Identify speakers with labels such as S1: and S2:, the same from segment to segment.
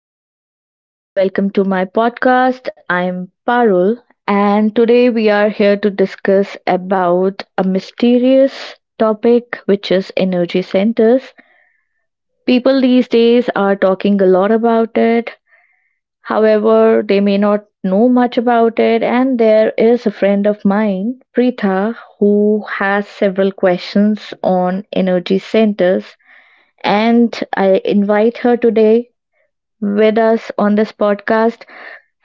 S1: Hi everyone, welcome to my podcast. I'm Parul and today we are here to discuss about a mysterious topic which is energy centers. People these days are talking a lot about it. However, they may not know much about it and there is a friend of mine, Preetha, who has several questions on energy centers and I invite her today with us on this podcast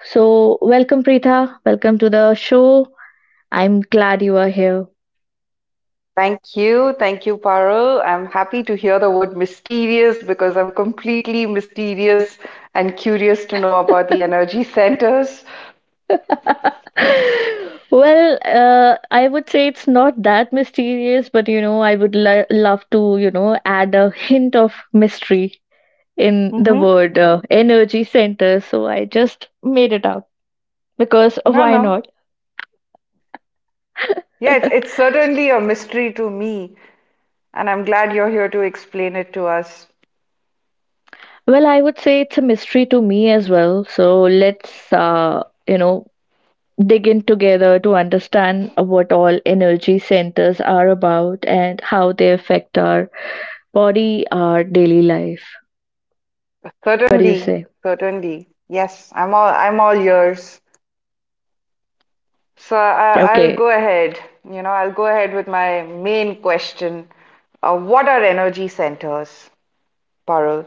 S1: so, welcome, Preetha. Welcome to the show. I'm glad you are here.
S2: Thank you. Thank you, Parul. I'm happy to hear the word mysterious because I'm completely mysterious and curious to know about the energy centers.
S1: Well, I would say it's not that mysterious, but you know, I would love to, add a hint of mystery in the
S2: Hmm.
S1: word energy center. So I just made it up because
S2: No,
S1: why
S2: no.
S1: not?
S2: Yeah, it's it's certainly a mystery to me, and I'm glad you're here to explain it to us.
S1: Well, I would say it's a mystery to me as well. So let's, dig in together to understand what all energy centers are about and how they affect our body, our daily life. What do you
S2: Certainly,
S1: say?
S2: certainly. Yes, I'm all yours. So I'll go
S1: Okay.
S2: ahead. I'll go ahead with my main question. What are energy centers, Parul?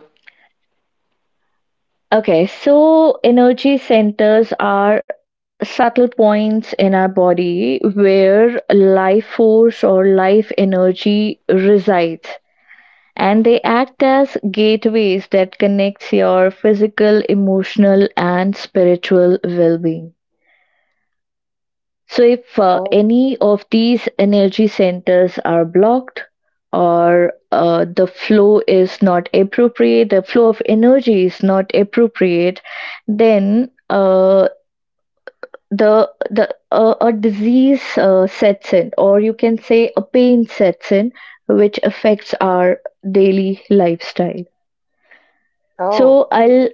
S1: Okay. So, energy centers are subtle points in our body where life force or life energy resides and they act as gateways that connects your physical emotional and spiritual well-being. So if
S2: Oh,
S1: any of these energy centers are blocked or the flow is not appropriate, the flow of energy is not appropriate, then the a disease sets in, or you can say a pain sets in, which affects our daily lifestyle. So
S2: oh.
S1: I'll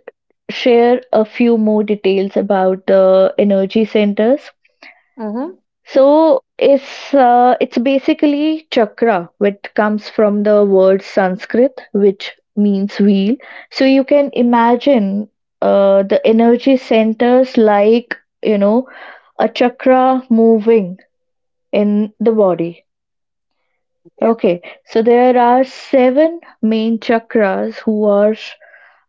S1: share a few more details about the energy centers.
S2: Mm-hmm.
S1: So it's basically chakra, which comes from the word Sanskrit, which means wheel. So you can imagine the energy centers like you know a chakra moving in the body.
S2: Okay.
S1: Okay, so there are seven main chakras who are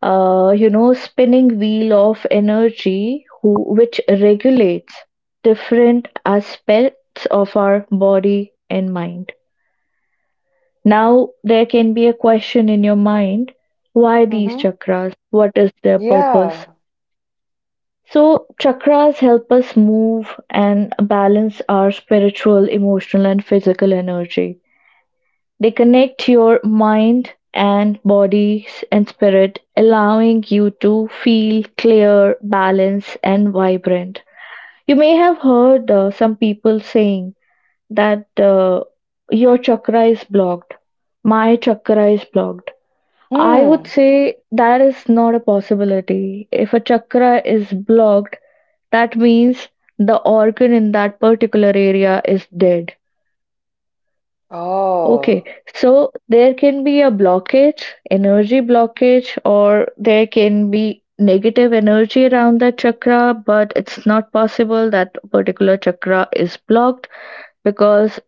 S1: spinning wheel of energy which regulates different aspects of our body and mind. Now, there can be a question in your mind, why these
S2: Mm-hmm.
S1: chakras? What is their purpose?
S2: Yeah.
S1: So, chakras help us move and balance our spiritual, emotional, and physical energy. They connect your mind and body and spirit, allowing you to feel clear, balanced, and vibrant. You may have heard some people saying that your chakra is blocked, my chakra is blocked. I would
S2: Hmm.
S1: say that is not a possibility. If a chakra is blocked, that means the organ in that particular area is dead. Okay,
S2: Oh.
S1: so there can be a blockage, energy blockage, or there can be negative energy around that chakra, but it's not possible that particular chakra is blocked because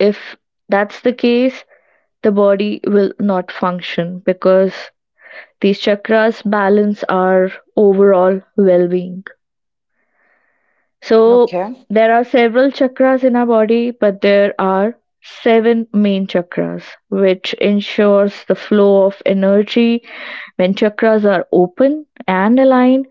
S1: if that's the case, the body will not function because these chakras balance our overall well being. So
S2: Okay.
S1: there are several chakras in our body, but there are seven main chakras, which ensures the flow of energy. When chakras are open and aligned,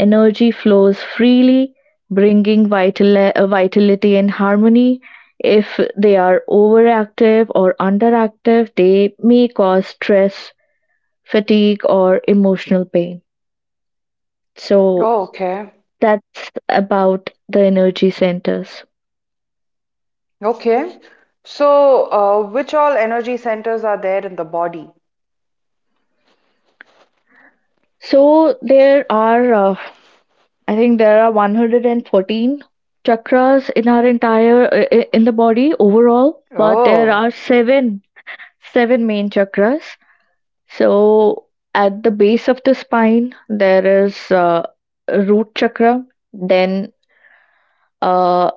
S1: energy flows freely, bringing vitality and harmony. If they are overactive or underactive, they may cause stress, fatigue, or emotional pain. So
S2: Oh, okay.
S1: that's about the energy centers.
S2: Okay. So, which all energy centers are there in the body?
S1: So there are, I think there are 114 chakras in our entire in the body overall, but there
S2: Oh.
S1: are seven seven main chakras. So at the base of the spine there is a root chakra. Then uh,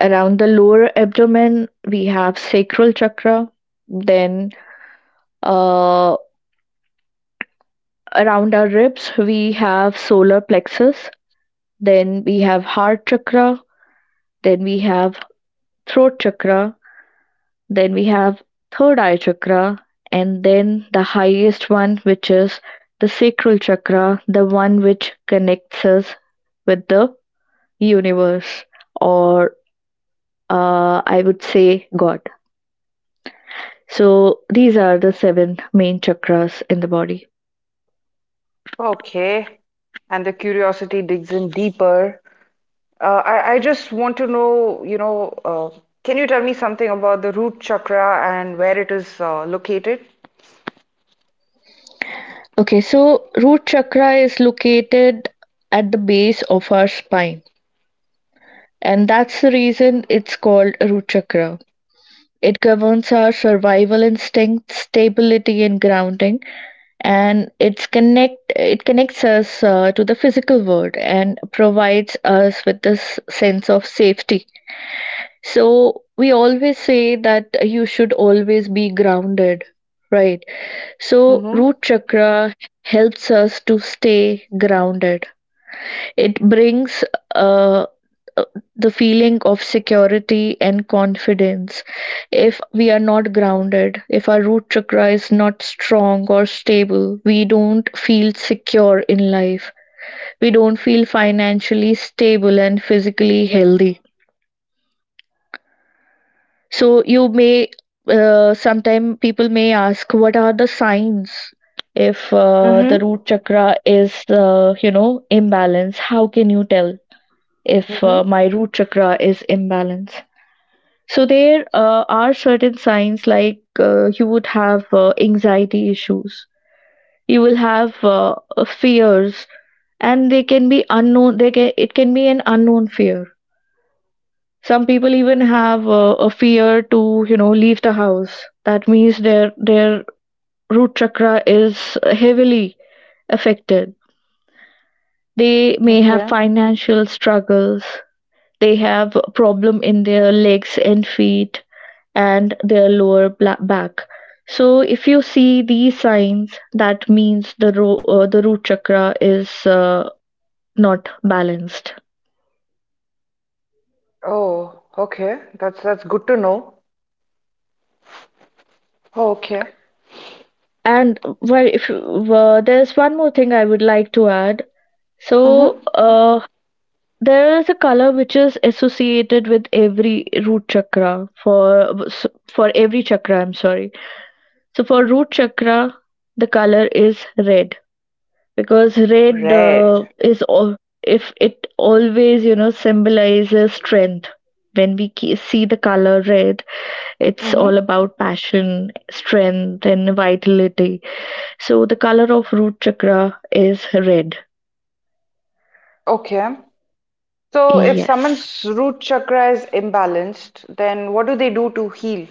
S1: around the lower abdomen we have sacral chakra. Then uh, around our ribs we have solar plexus. Then we have heart chakra, then we have throat chakra, then we have third eye chakra, and then the highest one, which is the sacral chakra, the one which connects us with the universe, or I would say God. So these are the seven main chakras in the body.
S2: Okay. And the curiosity digs in deeper. I just want to know, can you tell me something about the root chakra and where it is located?
S1: Okay, so root chakra is located at the base of our spine, and that's the reason it's called root chakra. It governs our survival instincts, stability and grounding, and it connects us to the physical world and provides us with this sense of safety. So we always say that you should always be grounded, right? So
S2: Mm-hmm.
S1: root chakra helps us to stay grounded. It brings uh, uh, the feeling of security and confidence. If we are not grounded, if our root chakra is not strong or stable, we don't feel secure in life, we don't feel financially stable and physically healthy. So you may, sometime people may ask, what are the signs if the
S2: Mm-hmm.
S1: root chakra is imbalance, how can you tell if
S2: Mm-hmm.
S1: my root chakra is imbalance? So there are certain signs, like you would have anxiety issues, you will have fears, and they can be unknown. They can It can be an unknown fear. Some people even have a fear to, you know, leave the house. That means their root chakra is heavily affected. They may have
S2: Okay.
S1: financial struggles. They have a problem in their legs and feet and their lower back. So if you see these signs, that means the root chakra is not balanced.
S2: Oh, okay. That's good to know. Oh, okay.
S1: And well, if there's one more thing I would like to add.
S2: Mm-hmm.
S1: So there is a color which is associated with every root chakra for every chakra. I'm sorry. So for root chakra, the color is red, because red
S2: Red.
S1: is all if it always, you know, symbolizes strength. When we see the color red, it's
S2: Mm-hmm.
S1: all about passion, strength and vitality. So the color of root chakra is red.
S2: Okay. So if
S1: Yes,
S2: someone's root chakra is imbalanced, then what do they do to heal?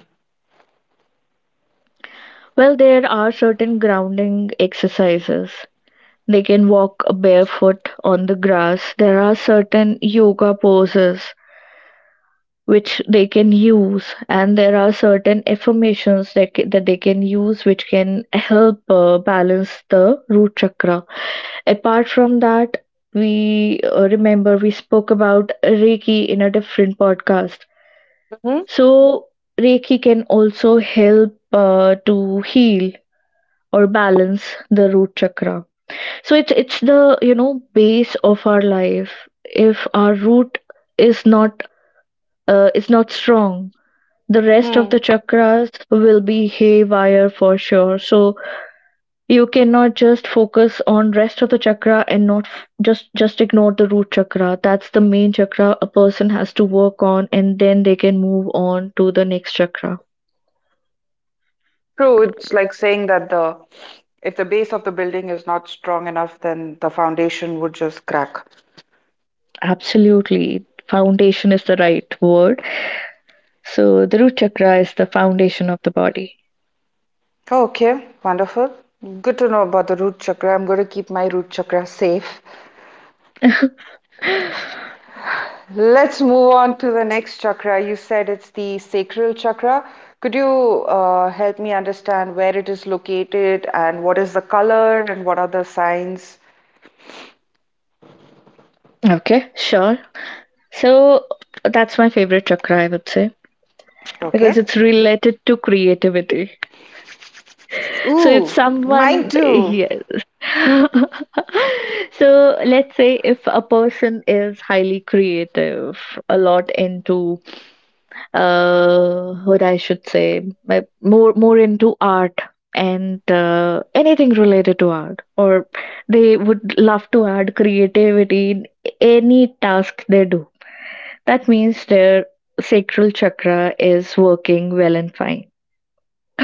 S1: well there are certain grounding exercises. They can walk barefoot on the grass, there are certain yoga poses which they can use, and there are certain affirmations that they can use which can help balance the root chakra. Apart from that, we, remember we spoke about reiki in a different podcast.
S2: Mm-hmm.
S1: So reiki can also help to heal or balance the root chakra. So it's the, you know, base of our life. If our root is not is not strong, the rest of the
S2: Hmm.
S1: chakras will be haywire for sure. So you cannot just focus on rest of the chakra and not just ignore the root chakra. That's the main chakra a person has to work on and then they can move on to the next chakra.
S2: True, it's like saying that the if the base of the building is not strong enough, then the foundation would just crack.
S1: Absolutely, foundation is the right word. So the root chakra is the foundation of the body.
S2: Okay, wonderful. Good to know about the root chakra. I'm going to keep my root chakra safe. Let's move on to the next chakra. You said it's the sacral chakra. Could you help me understand where it is located and what is the color and what are the signs?
S1: Okay, sure. So that's my favorite chakra, I would say,
S2: Okay.
S1: because it's related to creativity. So if
S2: Ooh, mine
S1: someone,
S2: too.
S1: yes. So let's say if a person is highly creative, a lot into, what I should say, more more into art and anything related to art, or they would love to add creativity in any task they do. That means their sacral chakra is working well and fine.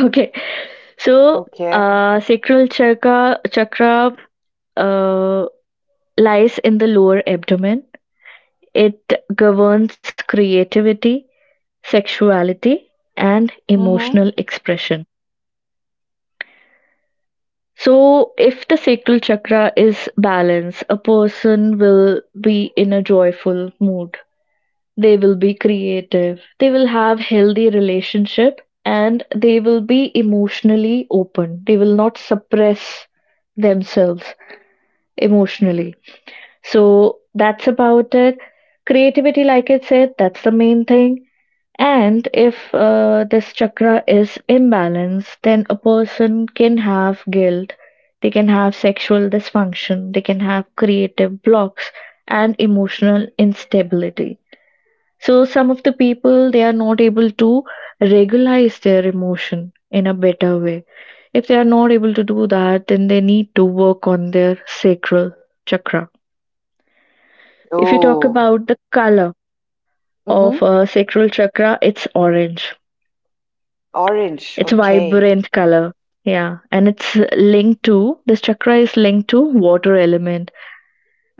S1: Okay. So,
S2: Okay.
S1: sacral chakra chakra uh, lies in the lower abdomen. It governs creativity, sexuality, and
S2: Mm-hmm.
S1: emotional expression. So, if the sacral chakra is balanced, a person will be in a joyful mood. They will be creative. They will have healthy relationship and they will be emotionally open. They will not suppress themselves emotionally. So that's about it. Creativity, like I said, that's the main thing. And if this chakra is imbalanced, then a person can have guilt, they can have sexual dysfunction, they can have creative blocks, and emotional instability. So, some of the people they are not able to regulate their emotion in a better way. If they are not able to do that, then they need to work on their sacral chakra. If you talk
S2: Oh.
S1: about the color of
S2: Mm-hmm.
S1: sacral chakra, it's orange.
S2: Orange.
S1: It's
S2: Okay.
S1: vibrant color. Yeah, and it's linked to, this chakra is linked to water element.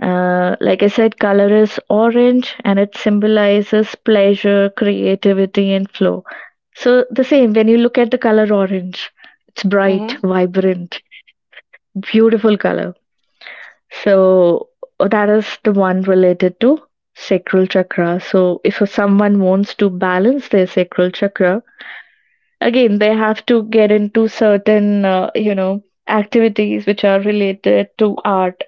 S1: Like I said, color is orange, and it symbolizes pleasure, creativity, and flow. So the same, when you look at the color orange, it's bright,
S2: Mm-hmm.
S1: vibrant, beautiful color. So that is the one related to sacral chakra. So if someone wants to balance their sacral chakra, again they have to get into certain activities which are related to art.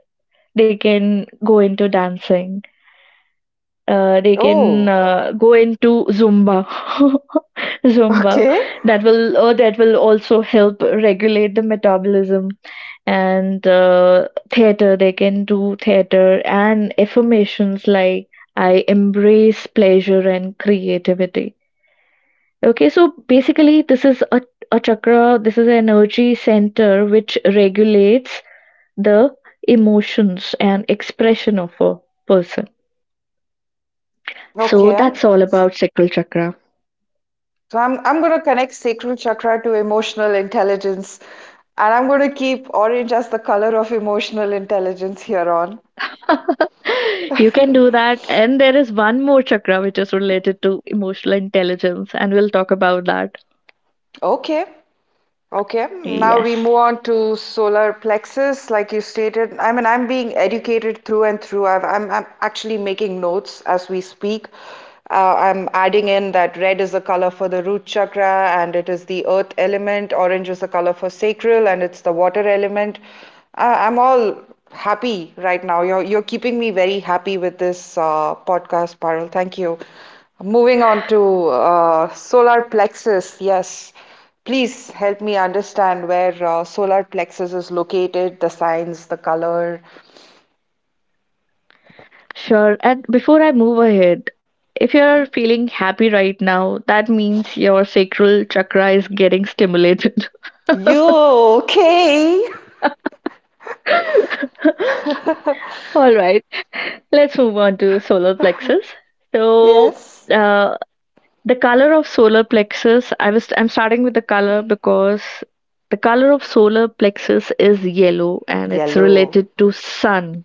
S1: They can go into dancing, they can
S2: Oh,
S1: go into zumba. Zumba,
S2: okay.
S1: that will, that will also help regulate the metabolism and, theater they can do theater, and affirmations like, I embrace pleasure and creativity. Okay, so basically this is a chakra, this is an energy center which regulates the emotions and expression of a person. So
S2: Okay.
S1: that's all about sacral chakra.
S2: So I'm going to connect sacral chakra to emotional intelligence, and I'm going to keep orange as the color of emotional intelligence here on.
S1: You can do that. And there is one more chakra which is related to emotional intelligence, and we'll talk about that.
S2: Okay. Okay, now
S1: Yes,
S2: we move on to solar plexus. Like you stated, I mean, I'm being educated through and through. I'm actually making notes as we speak. I'm adding in that red is the color for the root chakra and it is the earth element, orange is the color for sacral and it's the water element. I'm all happy right now. You're keeping me very happy with this podcast, Parul. Thank you. Moving on to solar plexus, yes. Please help me understand where solar plexus is located, the signs, the color.
S1: sure. And before I move ahead, if you're feeling happy right now, that means your sacral chakra is getting stimulated.
S2: You okay?
S1: All right, let's move on to solar plexus. So,
S2: Yes.
S1: uh, The color of solar plexus, I'm starting with the color because the color of solar plexus is yellow and it's
S2: Yellow.
S1: related to sun.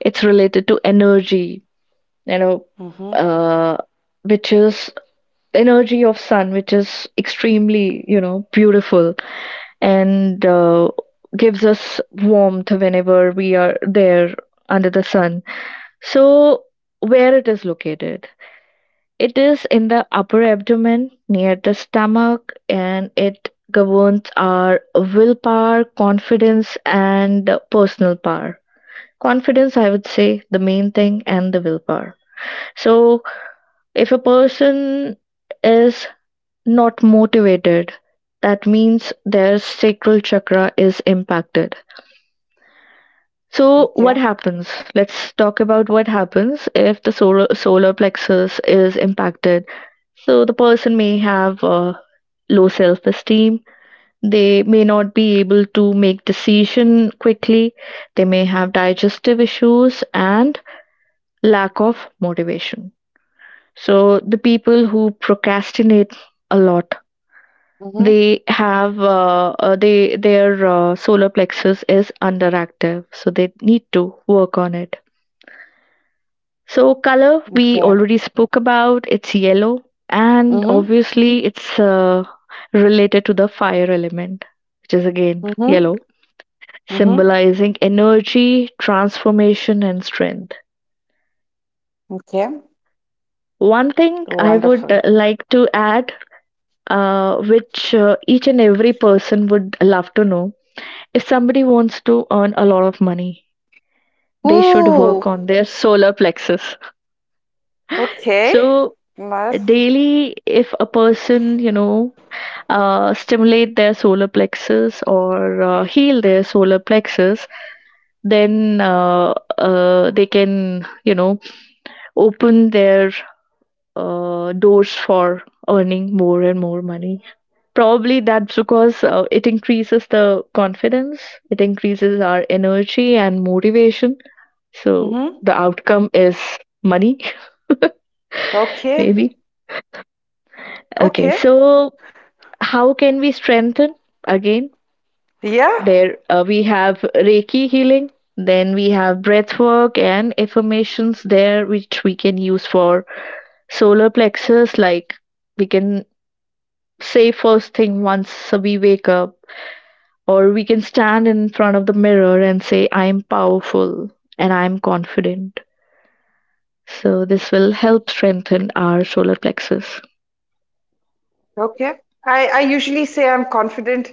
S1: It's related to energy, you know,
S2: Mm-hmm.
S1: uh, which is energy of sun, which is extremely beautiful and gives us warmth whenever we are there under the sun. So where it is located, it is in the upper abdomen, near the stomach, and it governs our willpower, confidence, and personal power. Confidence, I would say, the main thing, and the willpower. So, if a person is not motivated, that means their sacral chakra is impacted. So, what
S2: Okay.
S1: happens? Let's talk about what happens if the solar plexus is impacted. So, the person may have low self-esteem, they may not be able to make decision quickly, they may have digestive issues and lack of motivation. So the people who procrastinate a lot,
S2: Mm-hmm.
S1: they have they their solar plexus is underactive, so they need to work on it. So color, we
S2: Okay.
S1: already spoke about, it's yellow, and
S2: Mm-hmm.
S1: obviously it's related to the fire element, which is again
S2: Mm-hmm.
S1: yellow,
S2: Mm-hmm.
S1: symbolizing energy, transformation, and strength.
S2: Okay.
S1: One thing I would
S2: Wonderful.
S1: like to add, which each and every person would love to know, if somebody wants to earn a lot of money, they should work
S2: Ooh.
S1: on their solar plexus.
S2: Okay.
S1: So,
S2: Nice.
S1: daily, if a person, stimulate their solar plexus or heal their solar plexus, then they can, you know, open their doors for earning more and more money. Probably that's because it increases the confidence, it increases our energy and motivation. So
S2: Mm-hmm.
S1: the outcome is money,
S2: Okay.
S1: maybe. Okay,
S2: Okay.
S1: so how can we strengthen again?
S2: Yeah.
S1: There, we have Reiki healing, then we have breath work and affirmations there, which we can use for solar plexus. Like we can say first thing once we wake up, or we can stand in front of the mirror and say, I am powerful and I am confident. So this will help strengthen our solar plexus.
S2: Okay. I usually say I'm confident.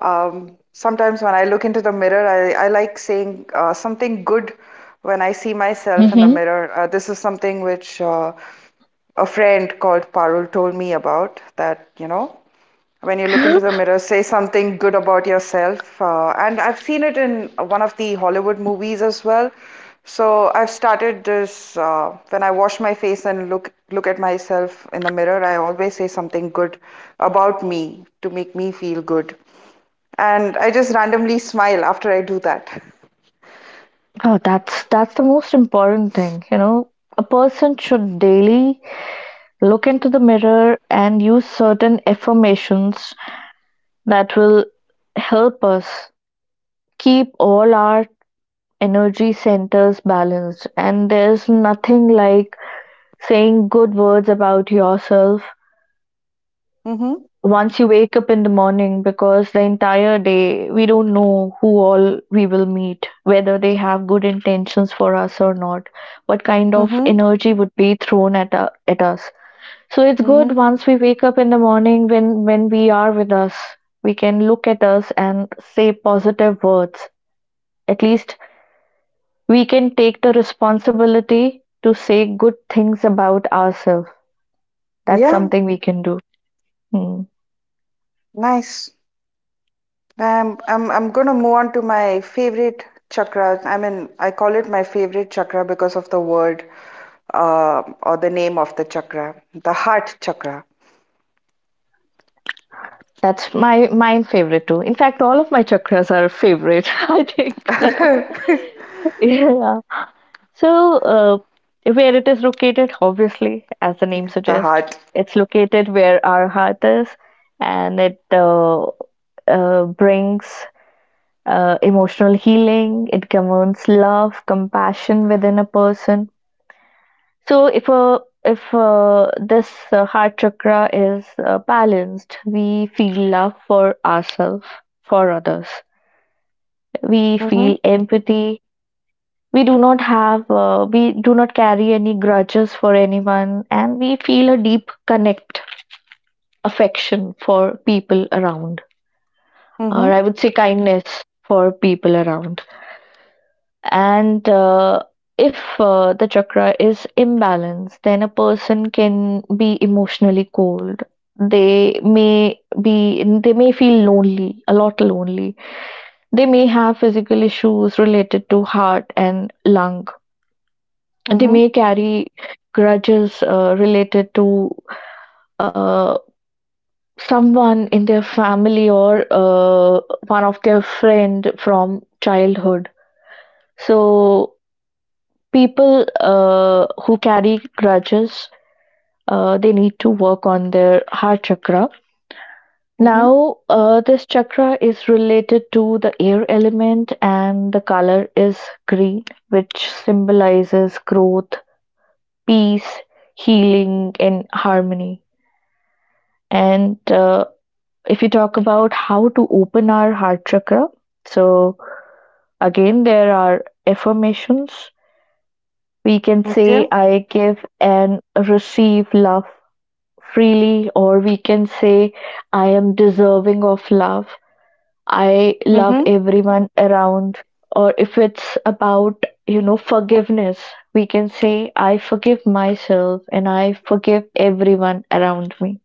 S2: Sometimes when I look into the mirror, I like saying something good when I see myself in the
S1: Hmm.
S2: mirror. This is something which a friend called Parul told me about. When you look into the mirror, say something good about yourself. And I've seen it in one of the Hollywood movies as well. So I've started this when I wash my face and look at myself in the mirror, I always say something good about me to make me feel good. And I just randomly smile after I do that.
S1: Oh, that's the most important thing. You know, a person should daily look into the mirror and use certain affirmations that will help us keep all our energy centers balanced. And there's nothing like saying good words about yourself
S2: Mm-hmm.
S1: once you wake up in the morning, because the entire day we don't know who all we will meet, whether they have good intentions for us or not, what kind of
S2: Mm-hmm.
S1: energy would be thrown at, at us. So it's good,
S2: Mm-hmm.
S1: once we wake up in the morning, when we are with us, we can look at us and say positive words. At least we can take the responsibility to say good things about ourselves. That's
S2: Yeah,
S1: something we can do. Hmm.
S2: nice. I'm gonna move on to my favorite chakra. I mean, I call it my favorite chakra because of the word or the name of the chakra, the heart chakra.
S1: That's my mine favorite too. In fact, all of my chakras are favorite. I think. Yeah. So, where it is located, obviously, as the name
S2: The
S1: suggests,
S2: heart.
S1: it's located where our heart is, and it brings emotional healing. It commands love, compassion within a person. So, if this heart chakra is balanced, we feel love for ourselves, for others. We
S2: Mm-hmm.
S1: feel empathy, we do not have we do not carry any grudges for anyone, and we feel a deep connect, affection for people around, or
S2: Mm-hmm.
S1: I would say kindness for people around. And if the chakra is imbalanced, then a person can be emotionally cold, they may be, they may feel lonely, a lot lonely, they may have physical issues related to heart and lung, they
S2: Mm-hmm.
S1: may carry grudges related to uh, someone in their family or one of their friend from childhood. So people who carry grudges, they need to work on their heart chakra.
S2: Mm-hmm.
S1: Now, this chakra is related to the air element, and the color is green, which symbolizes growth, peace, healing and harmony. And if you talk about how to open our heart chakra, so again, there are affirmations. We can
S2: Okay.
S1: say, I give and receive love freely, or we can say, I am deserving of love. I love
S2: Mm-hmm.
S1: everyone around. Or if it's about, you know, forgiveness, we can say, I forgive myself and I forgive everyone around me.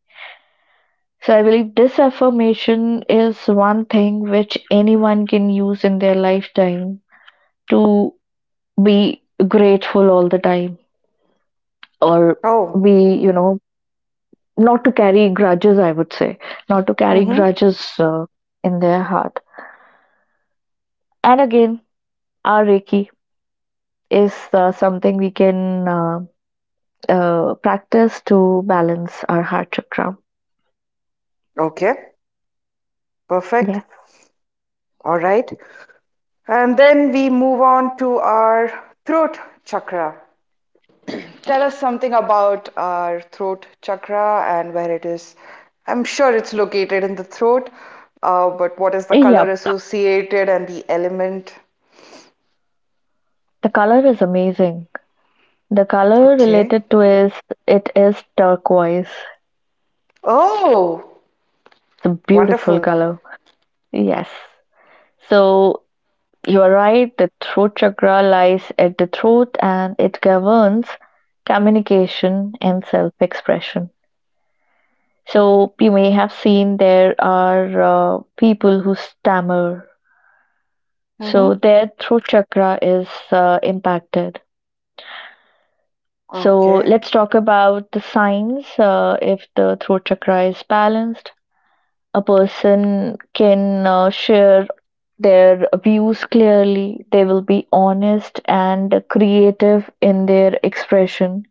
S1: So I believe this affirmation is one thing which anyone can use in their lifetime to be grateful all the time, or be,
S2: Oh.
S1: you know, not to carry grudges, I would say, not to carry
S2: Mm-hmm.
S1: grudges in their heart. And again, our Reiki is something we can practice to balance our heart chakra.
S2: Okay. Perfect.
S1: Yes.
S2: All right. And then we move on to our throat chakra. Tell us something about our throat chakra and where it is. I'm sure it's located in the throat, but what is the color
S1: Yep.
S2: associated and the element?
S1: The color is amazing. The color
S2: Okay.
S1: related to is, it is turquoise. It's
S2: Oh,
S1: a beautiful
S2: wonderful.
S1: color. Yes. So you are right. The throat chakra lies at the throat and it governs communication and self expression. So you may have seen there are people who stammer. So
S2: Mm-hmm.
S1: their throat chakra is impacted. So
S2: Okay.
S1: let's talk about the signs if the throat chakra is balanced. A person can share their views clearly, they will be honest and creative in their expression,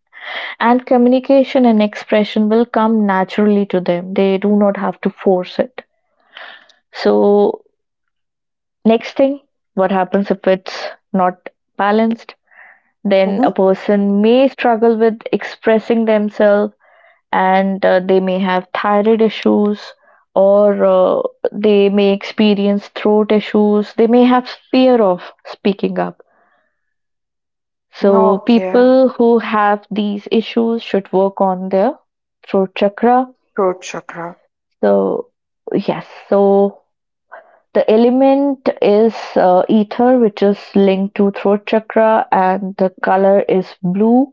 S1: and communication and expression will come naturally to them, they do not have to force it. So next thing, what happens if it's not balanced? Then
S2: Mm-hmm.
S1: a person may struggle with expressing themselves, and they may have thyroid issues, or they may experience throat issues, they may have fear of speaking up. So
S2: Okay.
S1: people who have these issues should work on their throat chakra.
S2: Throat chakra.
S1: So yes, so the element is ether, which is linked to throat chakra, and the color is blue,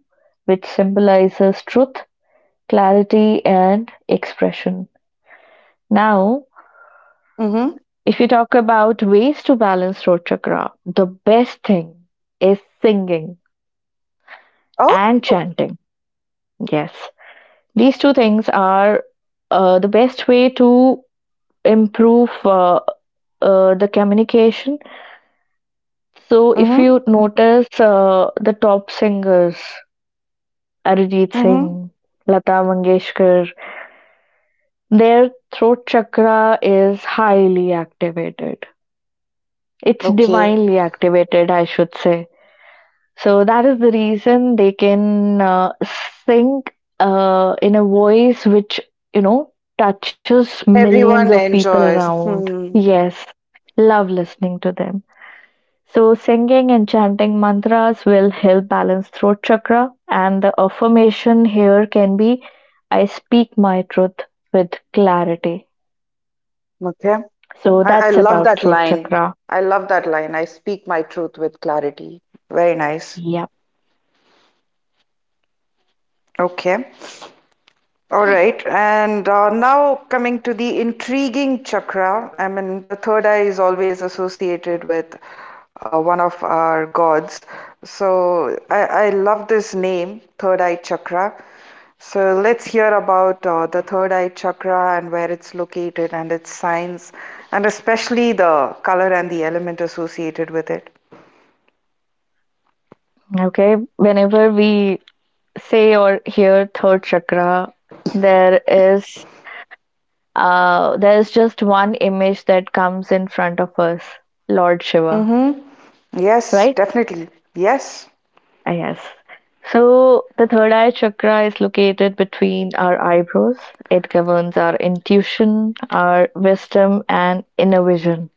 S1: which symbolizes truth, clarity and expression. Now,
S2: Mm-hmm.
S1: if you talk about ways to balance throat chakra, the best thing is singing
S2: Oh.
S1: and chanting. Yes, these two things are the best way to improve the communication. So, if
S2: Mm-hmm.
S1: you notice the top singers, Arijit
S2: Mm-hmm.
S1: Singh, Lata Mangeshkar, their throat chakra is highly activated. It's
S2: Okay.
S1: divinely activated, I should say. So that is the reason they can sing in a voice which, you know, touches millions of
S2: Everyone
S1: people
S2: enjoys.
S1: around.
S2: Hmm.
S1: Yes, love listening to them. So singing and chanting mantras will help balance throat chakra, and the affirmation here can be, I speak my truth with clarity.
S2: Okay.
S1: So
S2: I
S1: that's
S2: love
S1: about
S2: that
S1: throat
S2: line.
S1: chakra.
S2: I love that line. I speak my truth with clarity. Very nice.
S1: Yep.
S2: Okay. All right, and now coming to the intriguing chakra. I mean, the third eye is always associated with one of our gods. So I love this name, third eye chakra. So let's hear about the third eye chakra and where it's located and its signs, and especially the color and the element associated with it.
S1: Okay. Whenever we say or hear third chakra, there is there is just one image that comes in front of us, Lord Shiva,
S2: Mm-hmm. Yes,
S1: right?
S2: definitely. Yes.
S1: Ah, yes. So the third eye chakra is located between our eyebrows. It governs our intuition, our wisdom, and inner vision.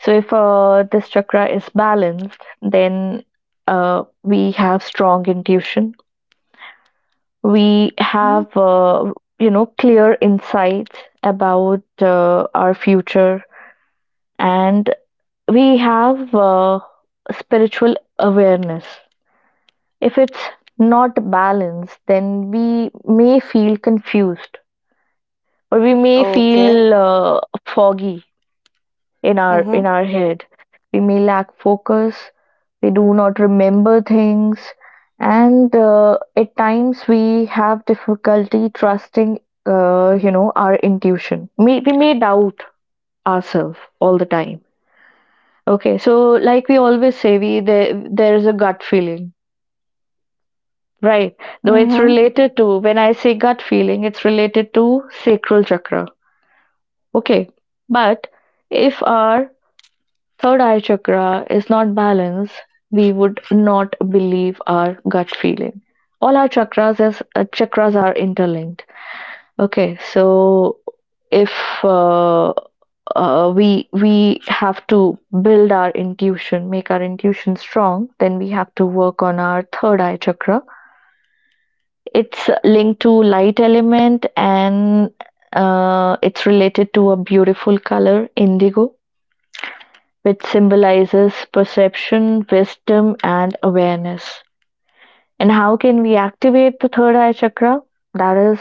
S1: So if this chakra is balanced, then we have strong intuition, we
S2: Mhm.
S1: have, you know, clear insights about our future, and we have spiritual awareness. If it's not balanced, then we may feel confused, or we may
S2: Okay.
S1: feel foggy in our
S2: Mm-hmm.
S1: head, we may lack focus, we do not remember things, and at times we have difficulty trusting, you know, our intuition. We may doubt ourselves all the time. Okay, so like we always say, we there, is a gut feeling, right? Though it's
S2: Mm-hmm.
S1: related to, when I say gut feeling, it's related to sacral chakra. Okay, but if our third eye chakra is not balanced, we would not believe our gut feeling. All our chakras as chakras are interlinked. Okay, so if uh, we have to build our intuition, make our intuition strong, then we have to work on our third eye chakra. It's linked to light element, and it's related to a beautiful color, indigo, which symbolizes perception, wisdom, and awareness. And how can we activate the third eye chakra? That is,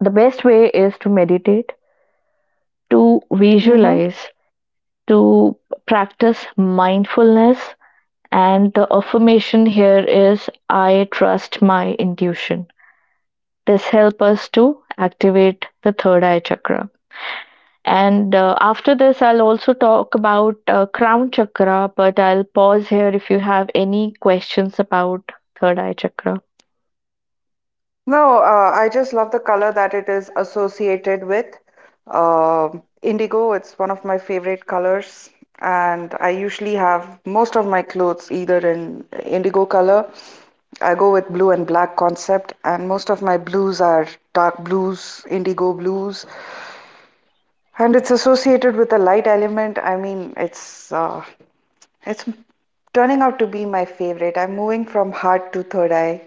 S1: the best way is to meditate, to
S2: Mm-hmm.
S1: visualize, to practice mindfulness. And the affirmation here is, I trust my intuition. This helps us to activate the third eye chakra. And after this, I'll also talk about crown chakra, but I'll pause here if you have any questions about third eye chakra.
S2: No, I just love the color that it is associated with. Indigo, it's one of my favorite colors, and I usually have most of my clothes either in indigo color. I go with blue and black concept, and most of my blues are dark blues, indigo blues, and it's associated with a light element. I mean, it's turning out to be my favorite. I'm moving from heart to third eye.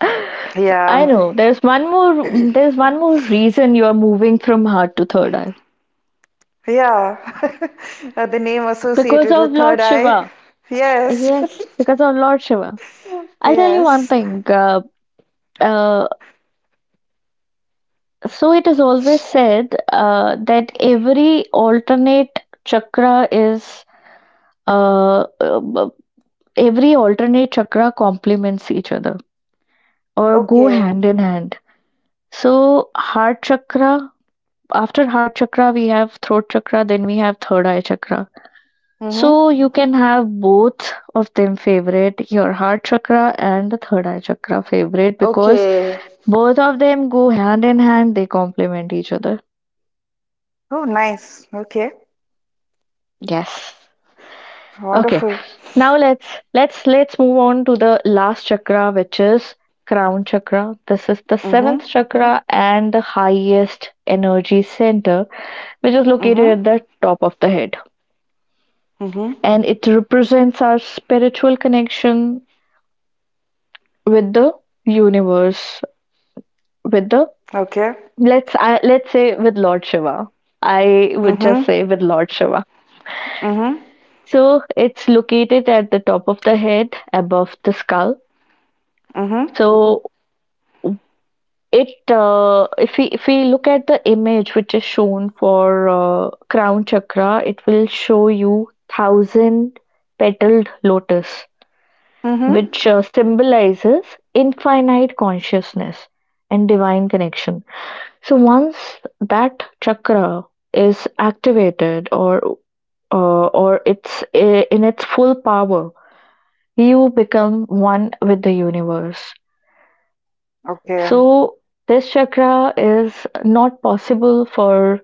S1: I
S2: Yeah.
S1: know, there's one more reason you are moving from heart to third eye,
S2: Yeah, the name
S1: because
S2: associated
S1: of
S2: with third
S1: Lord
S2: eye.
S1: Shiva.
S2: Yes,
S1: Yes, because of Lord Shiva. I'll tell you one
S2: yes.
S1: thing. Uh, so it is always said that every alternate chakra is uh, uh, b- every alternate chakra complements each other, or go
S2: Okay.
S1: hand in hand. So, heart chakra, after heart chakra, we have throat chakra, then we have third eye chakra.
S2: Mm-hmm.
S1: So, you can have both of them favorite, your heart chakra and the third eye chakra favorite, because
S2: Okay.
S1: both of them go hand in hand, they complement each other.
S2: Oh, nice. Okay.
S1: Yes. Okay.
S2: Wonderful.
S1: Now let's move on to the last chakra, which is crown chakra. This is the
S2: Mm-hmm.
S1: seventh chakra and the highest energy center, which is located
S2: Mm-hmm.
S1: at the top of the head.
S2: Mm-hmm.
S1: And it represents our spiritual connection with the universe, with the,
S2: Okay.
S1: let's say, with Lord Shiva. I would just
S2: Mm-hmm.
S1: say with Lord Shiva.
S2: Mm-hmm.
S1: So it's located at the top of the head, above the skull.
S2: Mm-hmm.
S1: So It if we look at the image which is shown for crown chakra, it will show you thousand petaled lotus,
S2: Mm-hmm.
S1: which symbolizes infinite consciousness and divine connection. So once that chakra is activated or in its full power, you become one with the universe.
S2: Okay.
S1: So this chakra is not possible for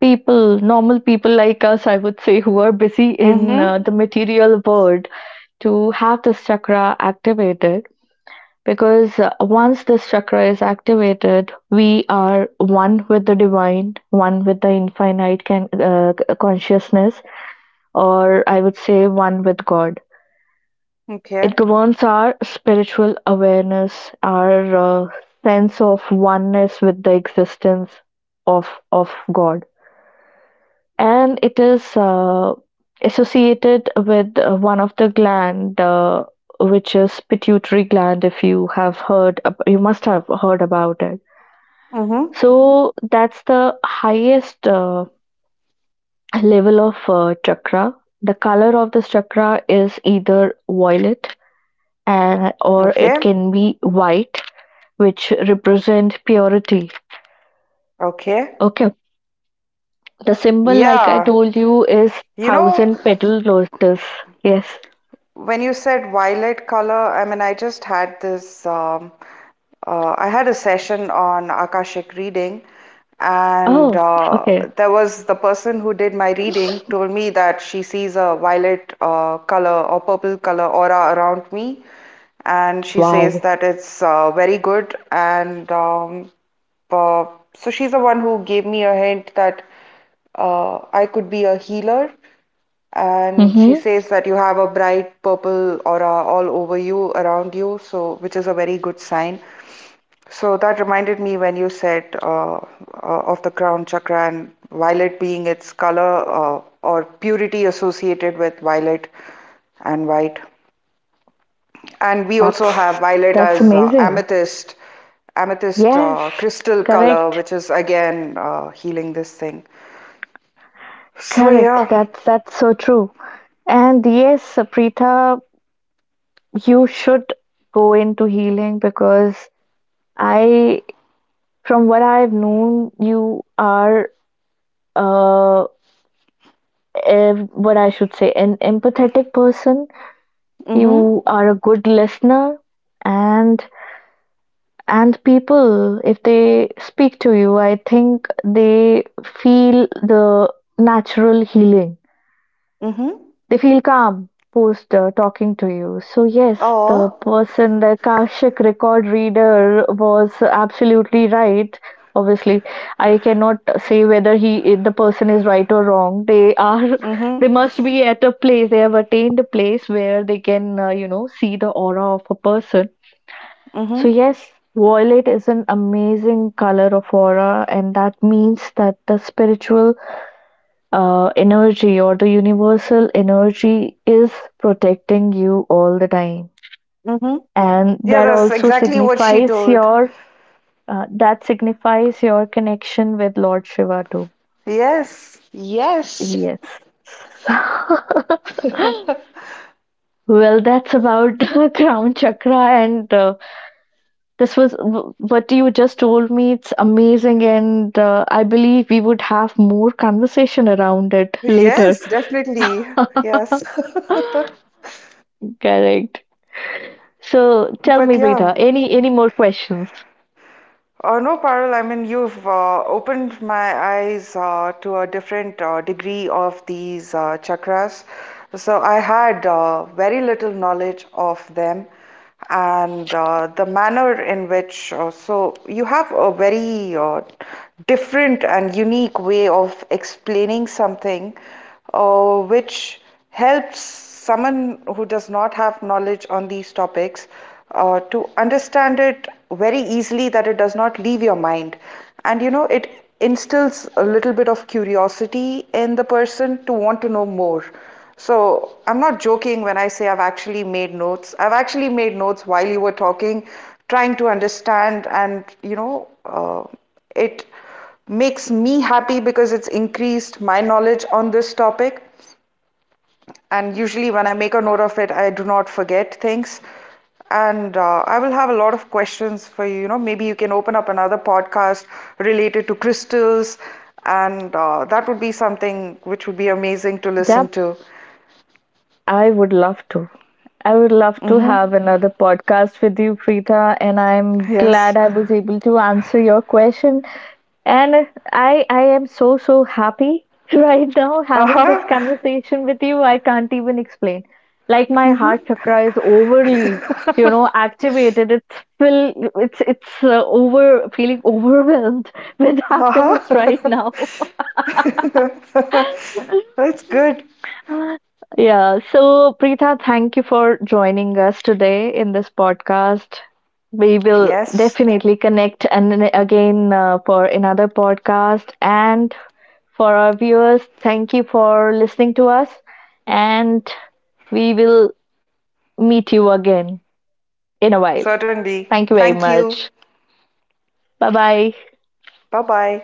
S1: normal people like us, I would say, who are busy in
S2: Mm-hmm.
S1: the material world to have this chakra activated. Because once this chakra is activated, we are one with the divine, one with the infinite consciousness, or I would say one with God. It
S2: Okay.
S1: governs our spiritual awareness, our sense of oneness with the existence of God, and it is associated with one of the gland, which is pituitary gland. If you have you must have heard about it.
S2: Mm-hmm.
S1: So that's the highest level of chakra. The color of this chakra is either violet and or it
S2: Okay.
S1: can be white which represent purity.
S2: Okay.
S1: Okay. The symbol, like I
S2: Yeah.
S1: told you, is
S2: You know,
S1: thousand petal lotus. Yes.
S2: When you said violet color, I mean, I just had this, I had a session on Akashic reading, and
S1: Oh, okay.
S2: there was the person who did my reading told me that she sees a violet color or purple color aura around me, and she says
S1: Wow.
S2: that it's very good. And uh, so she's the one who gave me a hint that I could be a healer and she
S1: Mm-hmm.
S2: says that you have a bright purple aura all over you, around you, so which is a very good sign. So that reminded me when you said of the crown chakra and violet being its color or purity associated with violet and white. And we also have
S1: That's
S2: violet
S1: that's
S2: as
S1: amazing.
S2: amethyst, amethyst
S1: Yes.
S2: crystal color,
S1: Correct.
S2: which is again healing this thing. So
S1: Correct.
S2: yeah.
S1: That's so true. And yes, Saprita, you should go into healing because I, from what I've known, you are uh, what I should say, an empathetic person,
S2: Mm-hmm.
S1: you are a good listener, and and people if they speak to you, I think they feel the natural healing,
S2: Mm-hmm.
S1: they feel calm post talking to you. So yes, the
S2: Oh.
S1: person, the Akashic record reader was absolutely right. Obviously, I cannot say whether he the person is right or wrong. They are
S2: Mm-hmm.
S1: they must be at a place, they have attained a place where they can you know see the aura of a person.
S2: Mm-hmm.
S1: So yes, violet is an amazing color of aura, and that means that the spiritual energy or the universal energy is protecting you all the time,
S2: Mm-hmm.
S1: and
S2: Yeah,
S1: that
S2: that's
S1: also
S2: exactly what she
S1: signifies
S2: told.
S1: your that signifies your connection with Lord Shiva too.
S2: Yes. Yes.
S1: Yes. Well, that's about crown chakra, and this was what you just told me, it's amazing, and I believe we would have more conversation around it later.
S2: Yes, definitely. Yes.
S1: Correct. So tell me,
S2: But yeah.
S1: Preeta, any more questions?
S2: No, Parul, I mean, you've opened my eyes to a different degree of these chakras. So I had very little knowledge of them and the manner in which, so you have a very different and unique way of explaining something which helps someone who does not have knowledge on these topics to understand it very easily, that it does not leave your mind and you know it, instills a little bit of curiosity in the person to want to know more. So I'm not joking when I say I've actually made notes. I've actually made notes while you were talking, trying to understand. And you know It makes me happy because it's increased my knowledge on this topic. And usually, when I make a note of it, I do not forget things. And I will have a lot of questions for you. You know, maybe you can open up another podcast related to crystals, and that would be something which would be amazing to listen
S1: Yep,
S2: to.
S1: I would love to. I would love to
S2: Hmm.
S1: have another podcast with you, Preetha, and I'm glad
S2: Yes.
S1: I was able to answer your question. And I am so happy right now
S2: Uh
S1: having
S2: huh.
S1: this conversation with you. I can't even explain. Like my heart chakra is overly, you know, activated. It's fill. It's over, feeling overwhelmed with
S2: Uh
S1: happiness right now.
S2: huh. That's good.
S1: Yeah. So, Preetha, thank you for joining us today in this podcast. We will
S2: Yes,
S1: definitely connect and then again for another podcast. And for our viewers, thank you for listening to us. And we will meet you again in a while.
S2: certainly.
S1: Thank you very
S2: Thank you.
S1: much. Bye bye.
S2: Bye-bye.